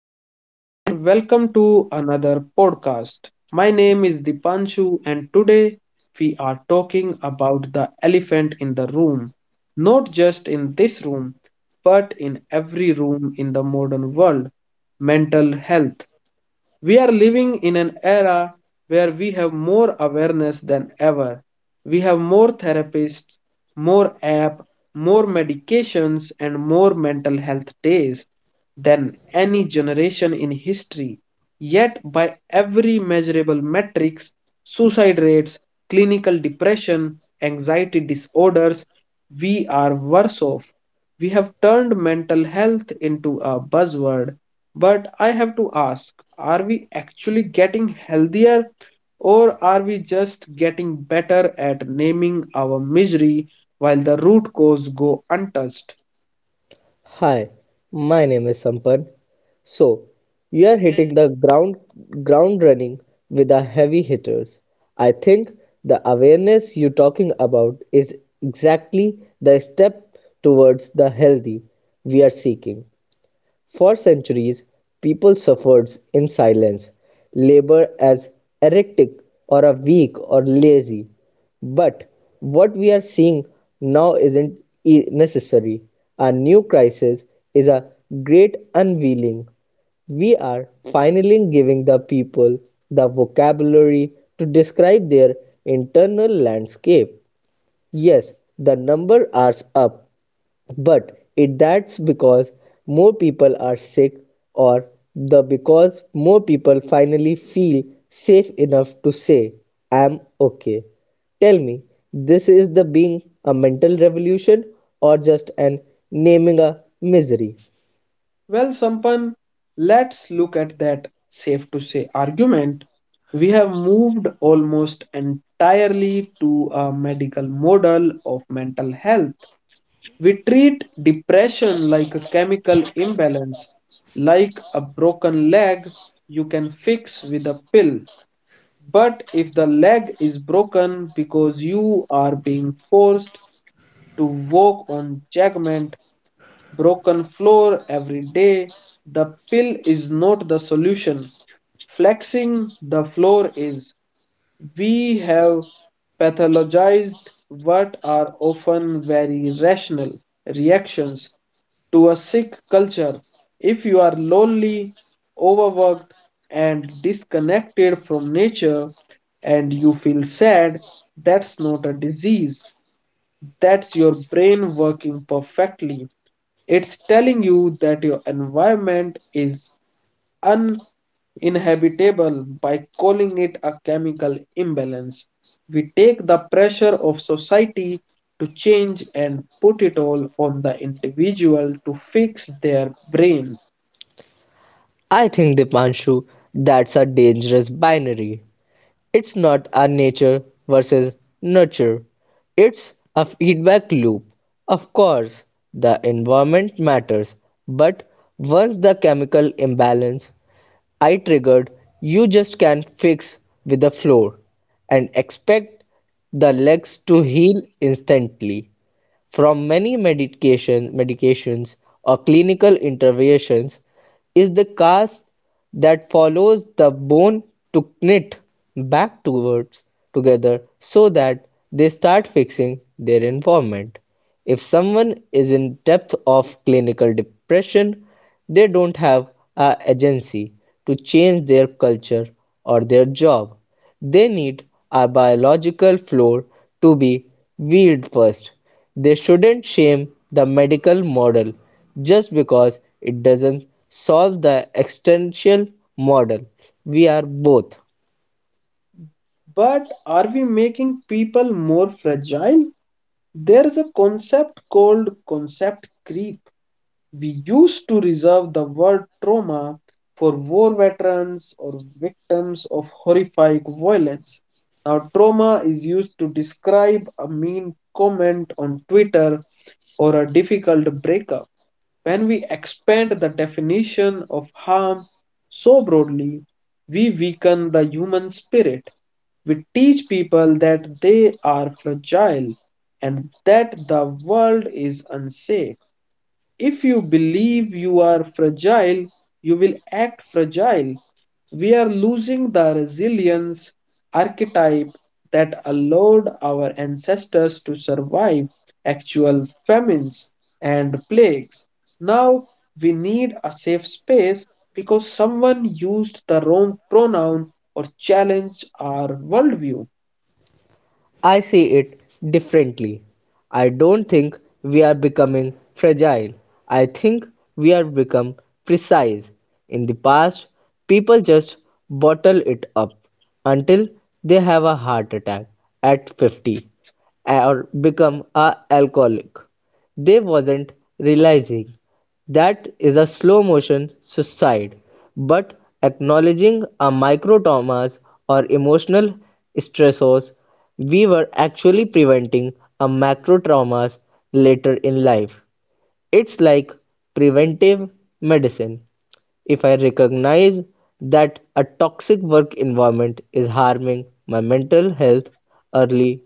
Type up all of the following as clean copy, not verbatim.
everyone, and welcome to another podcast. My name is Dipanshu, and today we are talking about the elephant in the room, not just in this room, but in every room in the modern world, mental health. We are living in an era where we have more awareness than ever. We have more therapists, more app, more medications and more mental health days than any generation in history. Yet by every measurable metrics, suicide rates, clinical depression, anxiety disorders, we are worse off. We have turned mental health into a buzzword, but I have to ask, are we actually getting healthier or are we just getting better at naming our misery while the root cause go untouched? Hi, my name is Sampan. So, you are hitting the ground running with the heavy hitters. I think the awareness you're talking about is exactly the step towards the healthy we are seeking. For centuries, people suffered in silence, labor as erratic or a weak or lazy. But what we are seeing now isn't necessary. A new crisis is a great unveiling. We are finally giving the people the vocabulary to describe their internal landscape. Yes, the number are up, but it that's because more people are sick or the because more people finally feel safe enough to say I'm okay. Tell me, this is the being a mental revolution or just an naming a misery? Well, Sampan, let's look at that safe to say argument. We have moved almost entirely to a medical model of mental health. We treat depression like a chemical imbalance, like a broken leg you can fix with a pill. But if the leg is broken because you are being forced to walk on jagged, broken floor every day, the pill is not the solution. Flexing the floor is. We have pathologized what are often very rational reactions to a sick culture. If you are lonely, overworked, and disconnected from nature, and you feel sad, that's not a disease. That's your brain working perfectly. It's telling you that your environment is uninhabitable by calling it a chemical imbalance. We take the pressure of society to change and put it all on the individual to fix their brain. I think Dipanshu, that's a dangerous binary. It's not a nature versus nurture, it's a feedback loop. Of course, the environment matters, but once the chemical imbalance I triggered, you just can't fix with the floor and expect the legs to heal instantly from many medications or clinical interventions is the cast that follows the bone to knit back towards together so that they start fixing their environment. If someone is in depth of clinical depression, they don't have an agency to change their culture or their job. They need a biological floor to be weed first. They shouldn't shame the medical model just because it doesn't solve the existential model. We are both. But are we making people more fragile? There's a concept called concept creep. We used to reserve the word trauma for war veterans or victims of horrific violence. Now, trauma is used to describe a mean comment on Twitter or a difficult breakup. When we expand the definition of harm so broadly, we weaken the human spirit. We teach people that they are fragile and that the world is unsafe. If you believe you are fragile, you will act fragile. We are losing the resilience archetype that allowed our ancestors to survive actual famines and plagues. Now we need a safe space because someone used the wrong pronoun or challenged our worldview. I see it differently. I don't think we are becoming fragile. I think we are become precise. In the past, people just bottle it up until they have a heart attack at 50 or become a alcoholic. They wasn't realizing that is a slow-motion suicide, but acknowledging our micro-traumas or emotional stressors, we were actually preventing our macro-traumas later in life. It's like preventive medicine. If I recognize that a toxic work environment is harming my mental health early,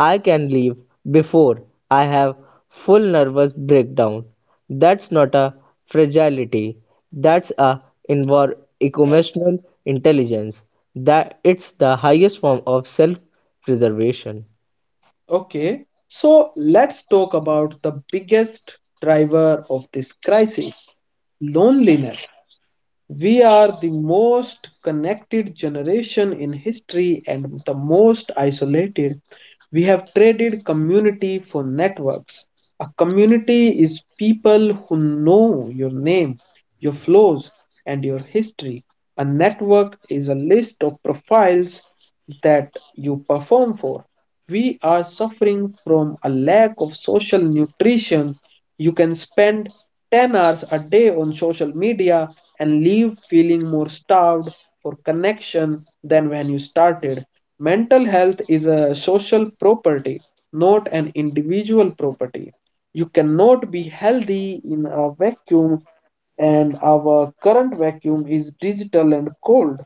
I can leave before I have full nervous breakdown. That's not a fragility. That's a inward emotional intelligence. That it's the highest form of self-preservation. Okay, so let's talk about the biggest driver of this crisis, loneliness. We are the most connected generation in history and the most isolated. We have traded community for networks. A community is people who know your name, your flaws, and your history. A network is a list of profiles that you perform for. We are suffering from a lack of social nutrition. You can spend 10 hours a day on social media and leave feeling more starved for connection than when you started. Mental health is a social property, not an individual property. You cannot be healthy in a vacuum and our current vacuum is digital and cold.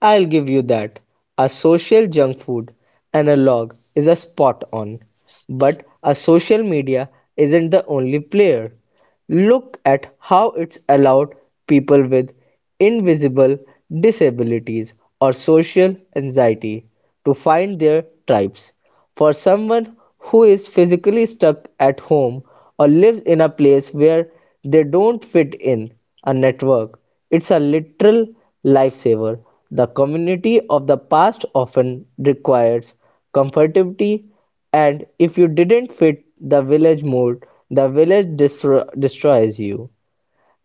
I'll give you that. A social junk food analog is a spot on. But a social media isn't the only player. Look at how it's allowed people with invisible disabilities or social anxiety to find their tribes. For someone who is physically stuck at home or lives in a place where they don't fit in a network, it's a literal lifesaver. The community of the past often requires comfortability, and if you didn't fit the village mold, the village destroys you.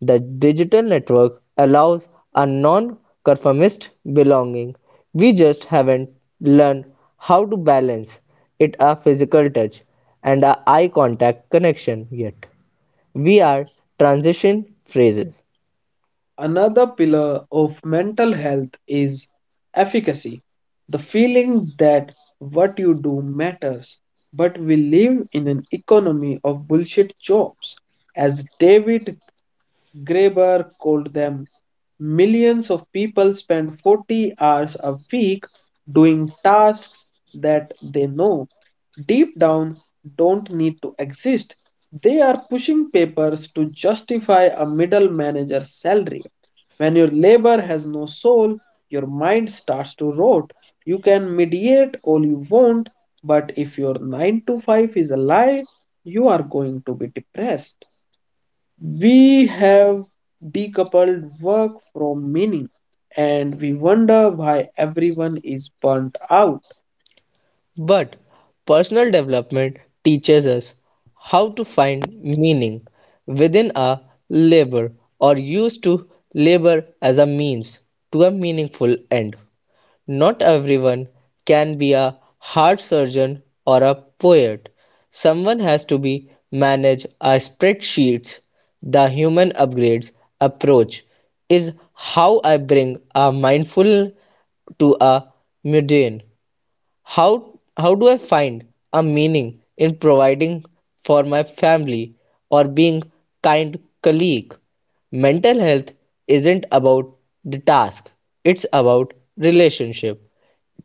The digital network allows a non-conformist belonging. We just haven't learned how to balance it a physical touch and a eye contact connection yet. We are transition phases. Another pillar of mental health is efficacy, the feeling that what you do matters. But we live in an economy of bullshit jobs, as David Graeber called them. Millions of people spend 40 hours a week doing tasks that they know deep down don't need to exist. They are pushing papers to justify a middle manager's salary. When your labor has no soul, your mind starts to rot. You can mediate all you want, but if your 9 to 5 is a lie, you are going to be depressed. We have decoupled work from meaning, and we wonder why everyone is burnt out. But personal development teaches us how to find meaning within our labor or use to labor as a means to a meaningful end. Not everyone can be a heart surgeon or a poet. Someone has to be manage a spreadsheets. The human upgrades approach is how I bring a mindful to a mundane. How do I find a meaning in providing for my family or being kind colleague? Mental health isn't about the task, it's about relationship.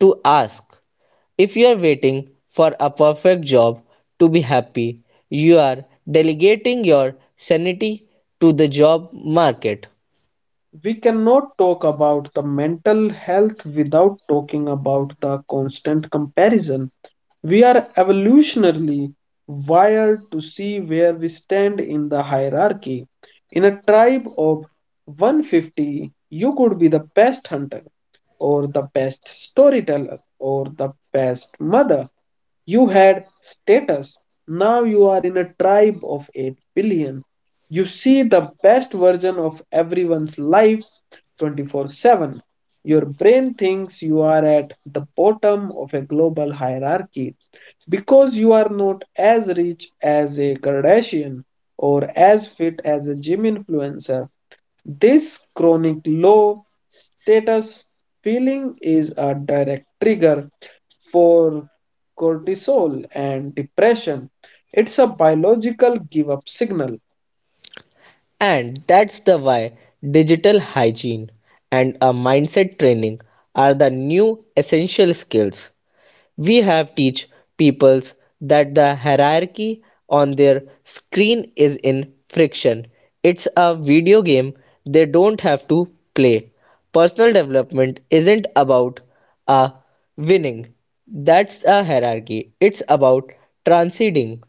To ask if you are waiting for a perfect job to be happy, you are delegating your sanity to the job market. We cannot talk about the mental health without talking about the constant comparison. We are evolutionarily wired to see where we stand in the hierarchy. In a tribe of 150, you could be the best hunter, or the best storyteller, or the best mother. You had status. Now you are in a tribe of 8 billion. You see the best version of everyone's life 24/7. Your brain thinks you are at the bottom of a global hierarchy because you are not as rich as a Kardashian or as fit as a gym influencer. This chronic low status feeling is a direct trigger for cortisol and depression. It's a biological give up signal. And that's the why digital hygiene and a mindset training are the new essential skills. We have teach peoples that the hierarchy on their screen is in friction. It's a video game they don't have to play. Personal development isn't about a winning. That's a hierarchy. It's about transcending,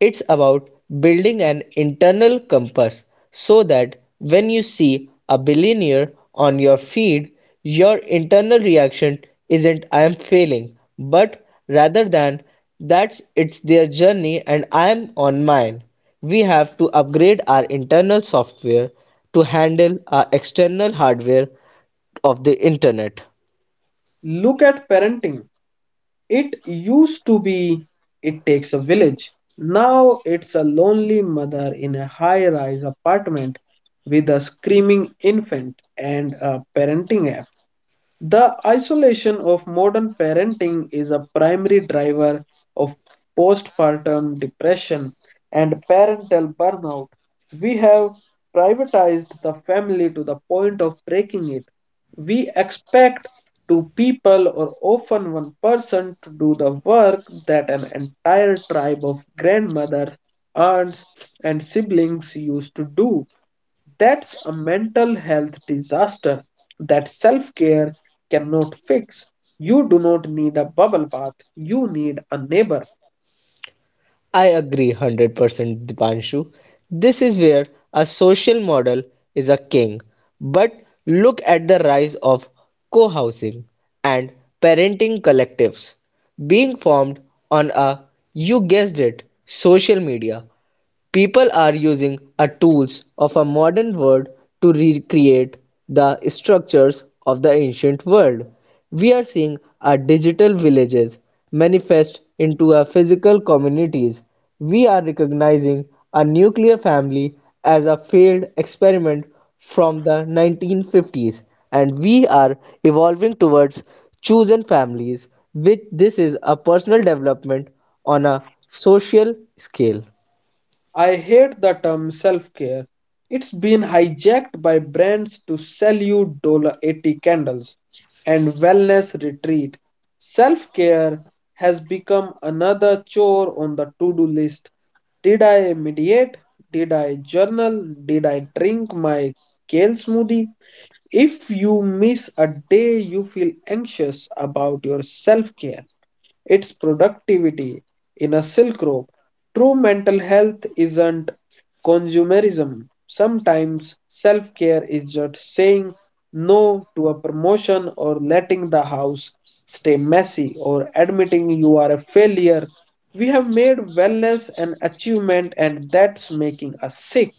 it's about building an internal compass so that when you see a billionaire on your feed, your internal reaction isn't I'm failing, but rather than that's it's their journey and I'm on mine. We have to upgrade our internal software to handle our external hardware of the internet. Look at parenting. It used to be, it takes a village. Now it's a lonely mother in a high rise apartment with a screaming infant and a parenting app. The isolation of modern parenting is a primary driver of postpartum depression and parental burnout. We have privatized the family to the point of breaking it. We expect two people or often one person to do the work that an entire tribe of grandmothers, aunts, and siblings used to do. That's a mental health disaster that self care cannot fix. You do not need a bubble bath, you need a neighbor. I agree 100% Dipanshu. This is where a social model is a king. But look at the rise of co housing and parenting collectives being formed on a, you guessed it, social media. People are using a tools of a modern world to recreate the structures of the ancient world. We are seeing our digital villages manifest into our physical communities. We are recognizing a nuclear family as a failed experiment from the 1950s and we are evolving towards chosen families which this is a personal development on a social scale. I hate the term self care. It's been hijacked by brands to sell you $80 candles and wellness retreat. Self care has become another chore on the to do list. Did I meditate? Did I journal? Did I drink my kale smoothie? If you miss a day, you feel anxious about your self care. Its productivity in a silk rope. True mental health isn't consumerism. Sometimes self care is just saying no to a promotion or letting the house stay messy or admitting you are a failure. We have made wellness an achievement and that's making us sick.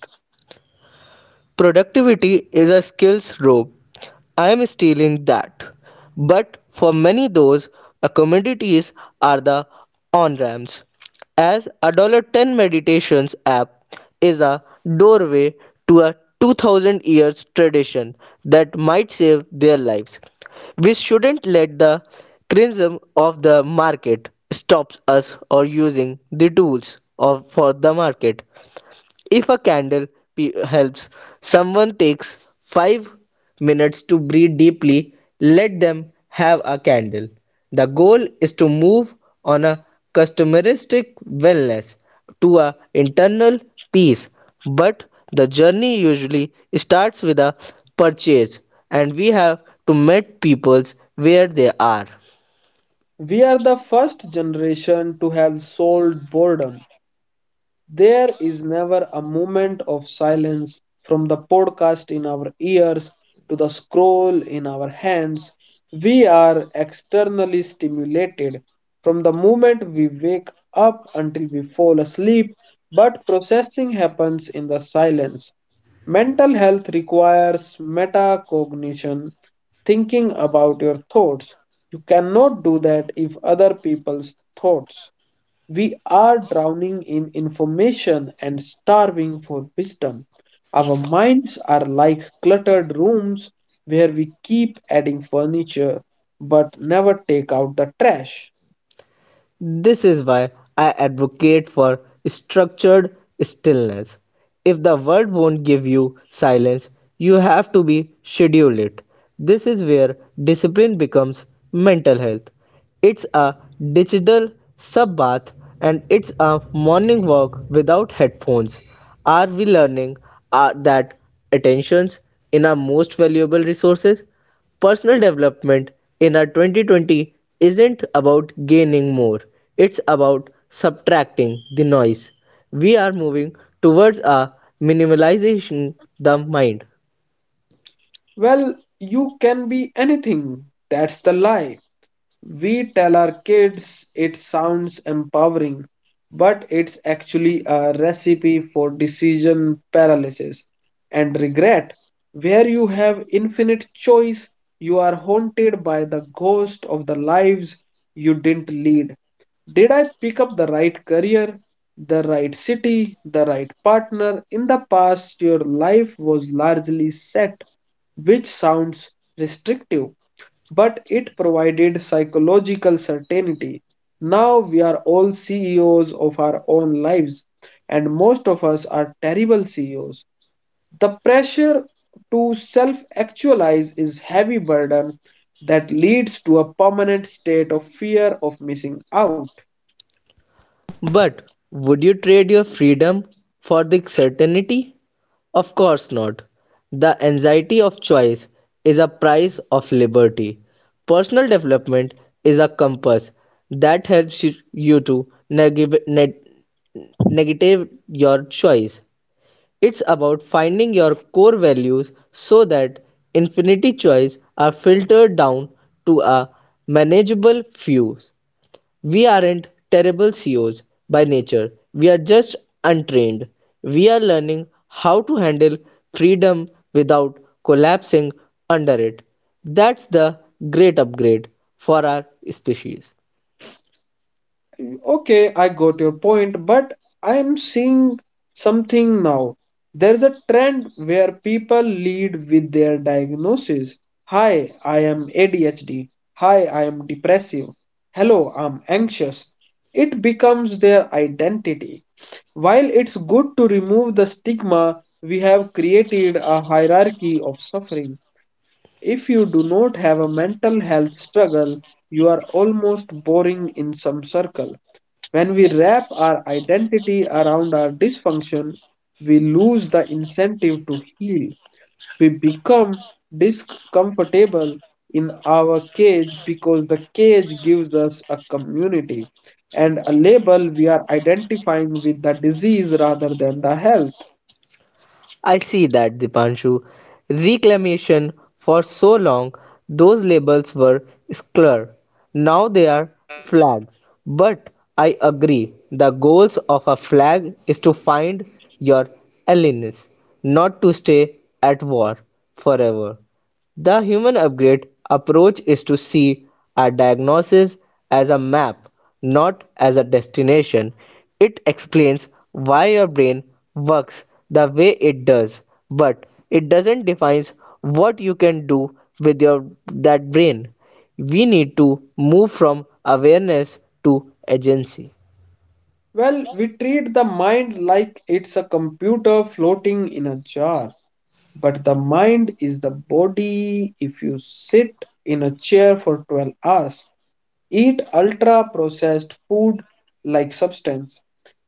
Productivity is a skills rope. I am stealing that. But for many those accommodations are the on-ramps. As a $1 10 meditations app is a doorway to a 2000 years tradition that might save their lives. We shouldn't let the criticism of the market stops us or using the tools of for the market. If a candle helps someone takes 5 minutes to breathe deeply, let them have a candle. The goal is to move on a customeristic wellness to a internal peace, but the journey usually starts with a purchase and we have to meet peoples where they are. We are the first generation to have solved boredom. There is never a moment of silence, from the podcast in our ears to the scroll in our hands. We are externally stimulated from the moment we wake up until we fall asleep, but processing happens in the silence. Mental health requires metacognition, thinking about your thoughts. You cannot do that if other people's thoughts, we are drowning in information and starving for wisdom. Our minds are like cluttered rooms where we keep adding furniture but never take out the trash. This is why I advocate for structured stillness. If the world won't give you silence, you have to be scheduled it. This is where discipline becomes mental health. It's a digital sub bath and it's a morning walk without headphones. Are we learning that attentions in our most valuable resources? Personal development in our 2020 isn't about gaining more, it's about subtracting the noise. We are moving towards a minimalization the mind. Well, you can be anything. That's the lie. We tell our kids it sounds empowering, but it's actually a recipe for decision paralysis and regret, where you have infinite choice. You are haunted by the ghost of the lives you didn't lead. Did I pick up the right career, the right city, the right partner? In the past, your life was largely set, which sounds restrictive but it provided psychological certainty. Now we are all CEOs of our own lives, and most of us are terrible CEOs. The pressure to self actualize is heavy burden that leads to a permanent state of fear of missing out. But would you trade your freedom for the certainty? Of course not. The anxiety of choice is a price of liberty. Personal development is a compass that helps you to negative your choice. It's about finding your core values so that infinity choice are filtered down to a manageable few. We aren't terrible CEOs by nature, we are just untrained. We are learning how to handle freedom without collapsing under it. That's the great upgrade for our species. Okay, I got your point, but I am seeing something now. There's a trend where people lead with their diagnosis. Hi, I am ADHD. Hi, I am depressive. Hello, I'm anxious. It becomes their identity. While it's good to remove the stigma, we have created a hierarchy of suffering. If you do not have a mental health struggle, you are almost boring in some circle. When we wrap our identity around our dysfunction, we lose the incentive to heal. We become discomfortable in our cage because the cage gives us a community and a label, we are identifying with the disease rather than the health. I see that, Dipanshu. Reclamation, for so long, those labels were square. Now they are flags. But I agree, the goals of a flag is to find your allies, not to stay at war forever. The human upgrade approach is to see a diagnosis as a map, not as a destination. It explains why your brain works the way it does, but it doesn't define what you can do with your that brain. We need to move from awareness to agency. Well, we treat the mind like it's a computer floating in a jar. But the mind is the body. If you sit in a chair for 12 hours, eat ultra processed food like substance,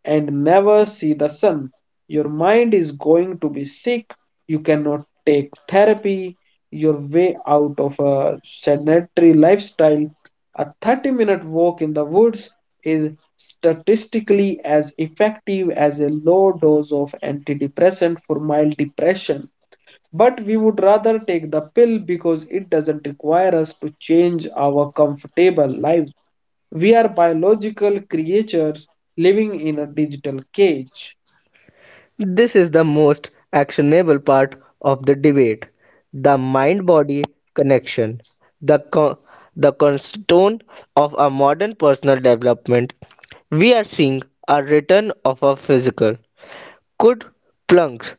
and never see the sun, your mind is going to be sick. You cannot take therapy. Your way out of a sedentary lifestyle, a 30-minute walk in the woods is statistically as effective as a low dose of antidepressant for mild depression. But we would rather take the pill because it doesn't require us to change our comfortable lives. We are biological creatures living in a digital cage. This is the most actionable part of the debate the mind body connection, the, co- the cornerstone of our modern personal development. We are seeing a return of our physical. Could plunks,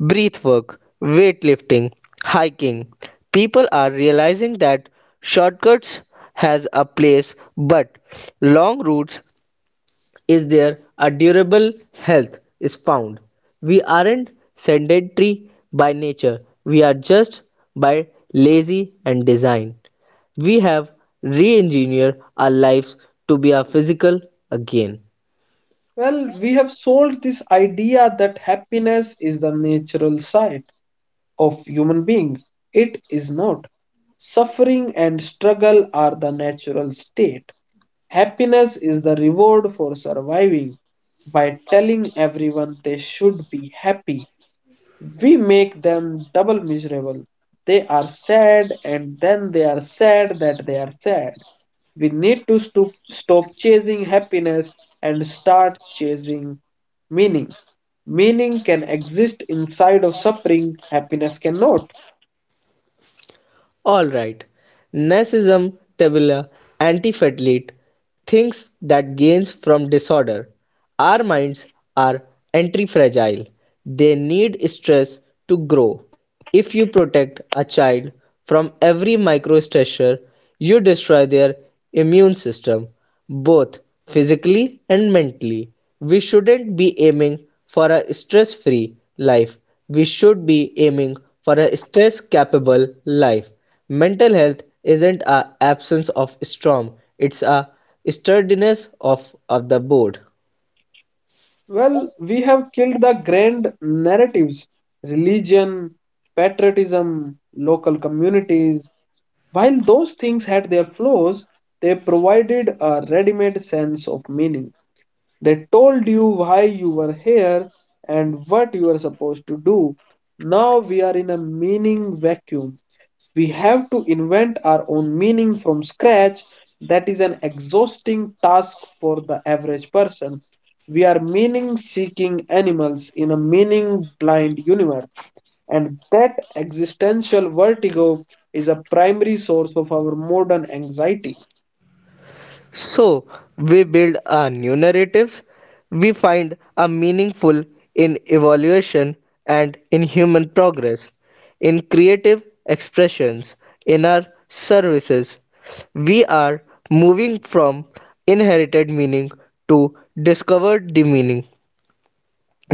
breath work, weightlifting, hiking. People are realizing that shortcuts has a place, but long routes is there a durable health is found. We aren't sedentary by nature, we are just by lazy and design. We have re engineered our lives to be our physical again. Well, we have sold this idea that happiness is the natural side of human being. It is not. Suffering and struggle are the natural state. Happiness is the reward for surviving. By telling everyone they should be happy, we make them double miserable. They are sad and then they are sad that they are sad. We need to stop chasing happiness and start chasing meaning. Meaning can exist inside of suffering, happiness cannot. Alright, Nazism tabula antifatlit thinks that gains from disorder. Our minds are anti-fragile. They need stress to grow. If you protect a child from every micro stressor, you destroy their immune system, both physically and mentally. We shouldn't be aiming for a stress-free life. We should be aiming for a stress-capable life. Mental health isn't a absence of storm, it's a sturdiness of the board. Well, we have killed the grand narratives, religion, patriotism, local communities. While those things had their flaws, they provided a ready made sense of meaning. They told you why you were here and what you were supposed to do. Now we are in a meaning vacuum. We have to invent our own meaning from scratch. That is an exhausting task for the average person. We are meaning seeking animals in a meaning blind universe. And that existential vertigo is a primary source of our modern anxiety. So we build our new narratives, we find a meaningful in evaluation and in human progress, in creative expressions, in our services. We are moving from inherited meaning to discovered the meaning.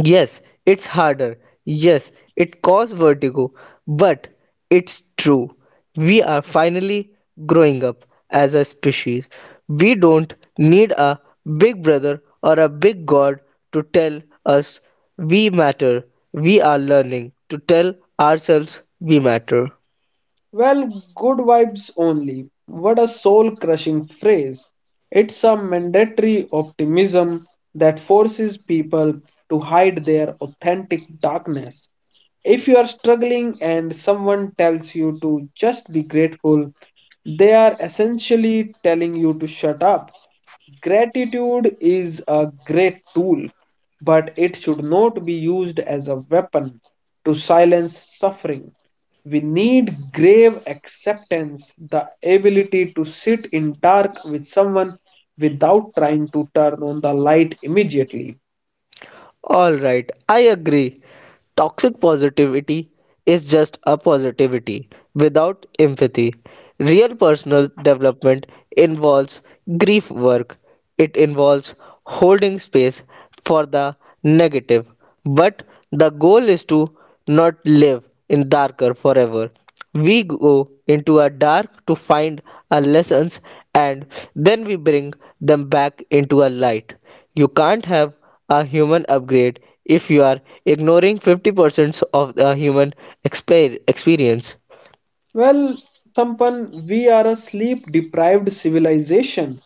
Yes, it's harder. Yes, it causes vertigo. But it's true. We are finally growing up as a species. We don't need a big brother or a big god to tell us we matter. We are learning to tell ourselves we matter. Well, good vibes only. What a soul crushing phrase. It's a mandatory optimism that forces people to hide their authentic darkness. If you are struggling and someone tells you to just be grateful, they are essentially telling you to shut up. Gratitude is a great tool, but it should not be used as a weapon to silence suffering. We need grave acceptance, the ability to sit in dark with someone without trying to turn on the light immediately. All right, I agree. Toxic positivity is just a positivity without empathy. Real personal development involves grief work, it involves holding space for the negative. But the goal is to not live in darker forever. We go into a dark to find our lessons and then we bring them back into a light. You can't have a human upgrade if you are ignoring 50% of the human experience. Well, Sampan, we are a sleep deprived civilization.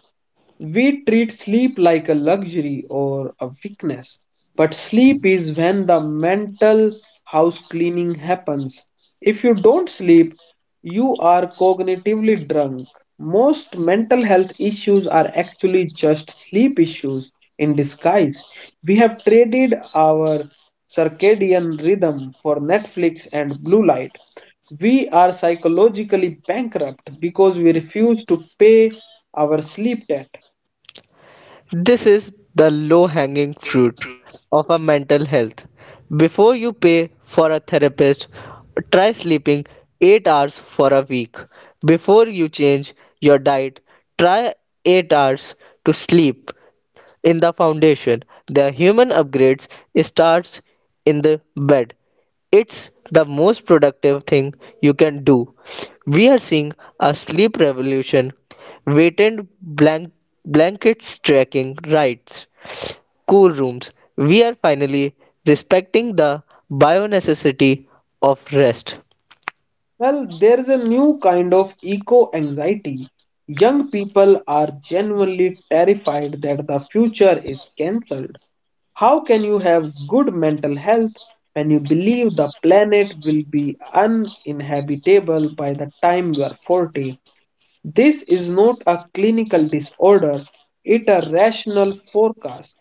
We treat sleep like a luxury or a weakness, but sleep is when the mental house cleaning happens. If you don't sleep, you are cognitively drunk. Most mental health issues are actually just sleep issues in disguise. We have traded our circadian rhythm for Netflix and blue light. We are psychologically bankrupt because we refuse to pay our sleep debt. This is the low hanging fruit of a mental health. Before you pay for a therapist, try sleeping 8 hours for a week. Before you change your diet, try 8 hours to sleep in the foundation. The human upgrades starts in the bed. It's the most productive thing you can do. We are seeing a sleep revolution. Weighted blank- Blankets tracking rights. Cool rooms. We are finally respecting the bio necessity of rest. Well, there is a new kind of eco anxiety. Young people are genuinely terrified that the future is cancelled. How can you have good mental health when you believe the planet will be uninhabitable by the time you are 40? This is not a clinical disorder, it a rational forecast.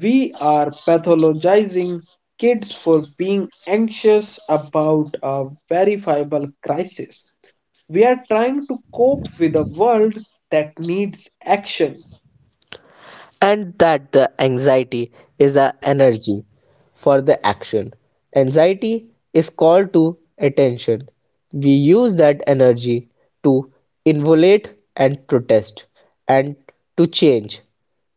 We are pathologizing kids for being anxious about a verifiable crisis. We are trying to cope with a world that needs action. And that the anxiety is an energy for the action. Anxiety is called to attention. We use that energy to involate and protest and to change.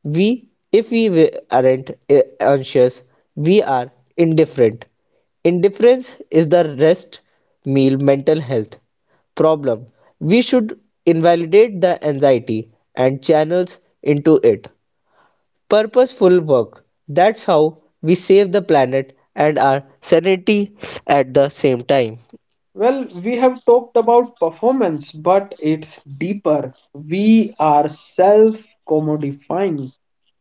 We, if we aren't anxious, we are indifferent. Indifference is the rest meal mental health problem. We should invalidate the anxiety and channels into it purposeful work. That's how we save the planet and our sanity at the same time. Well, we have talked about performance, but it's deeper. We are self commodifying.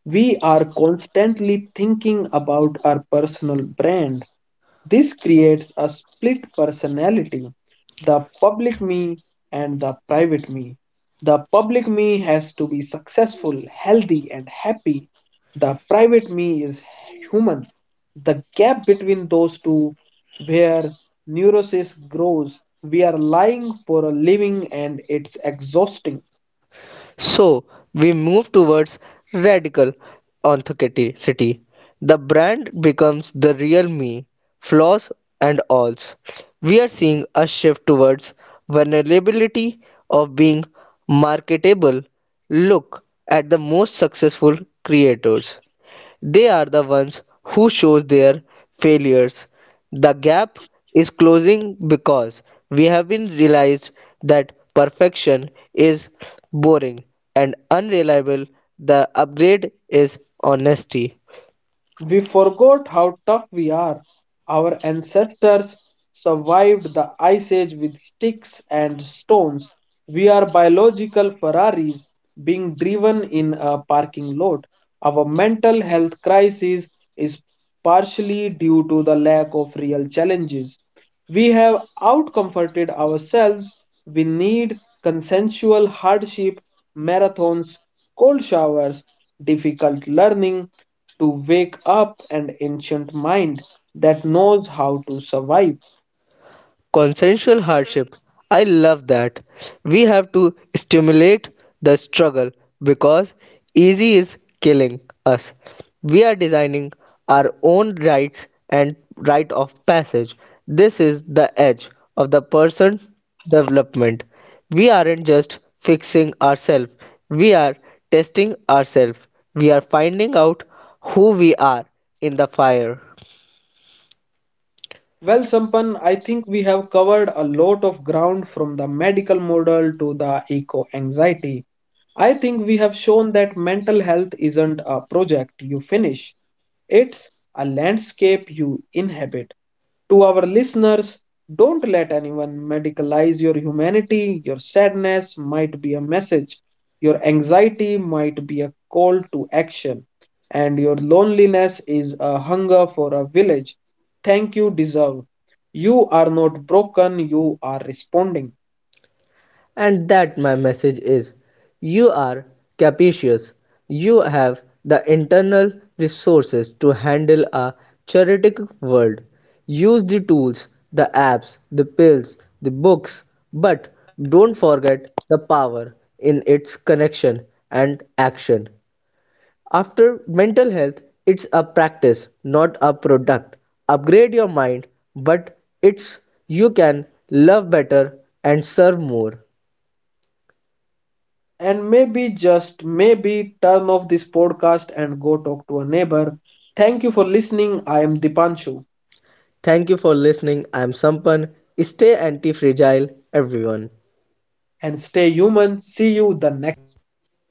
We are constantly thinking about our personal brand. This creates a split personality, the public me and the private me. The public me has to be successful, healthy, and happy. The private me is human. The gap between those two, where neurosis grows, we are lying for a living and it's exhausting. So, we move towards radical authenticity. The brand becomes the real me, flaws and alls. We are seeing a shift towards vulnerability of being marketable. Look at the most successful creators. They are the ones who shows their failures. The gap is closing because we have been realized that perfection is boring and unreliable. The upgrade is honesty. We forgot how tough we are. Our ancestors survived the ice age with sticks and stones. We are biological Ferraris being driven in a parking lot. Our mental health crisis is partially due to the lack of real challenges. We have outcomforted ourselves. We need consensual hardship, marathons, cold showers, difficult learning, to wake up an ancient mind that knows how to survive. Consensual hardship. I love that. We have to stimulate the struggle because easy is killing us. We are designing our own rights and rite of passage. This is the edge of the person development. We aren't just fixing ourselves, we are testing ourselves. We are finding out who we are in the fire. Well, Sampan, I think we have covered a lot of ground, from the medical model to the eco anxiety. I think we have shown that mental health isn't a project you finish. It's a landscape you inhabit. To our listeners, don't let anyone medicalize your humanity. Your sadness might be a message, your anxiety might be a call to action, and your loneliness is a hunger for a village. Thank you, deserve. You are not broken, you are responding. And that my message is you are capacious. You have the internal resources to handle a chaotic world. Use the tools, the apps, the pills, the books, but don't forget the power in its connection and action. After mental health, it's a practice, not a product. Upgrade your mind, but it's you can love better and serve more. And maybe, just maybe, turn off this podcast and go talk to a neighbor. Thank you for listening. I am Dipanshu. Thank you for listening. I'm Sampan. Stay anti fragile, everyone. And stay human. See you the next.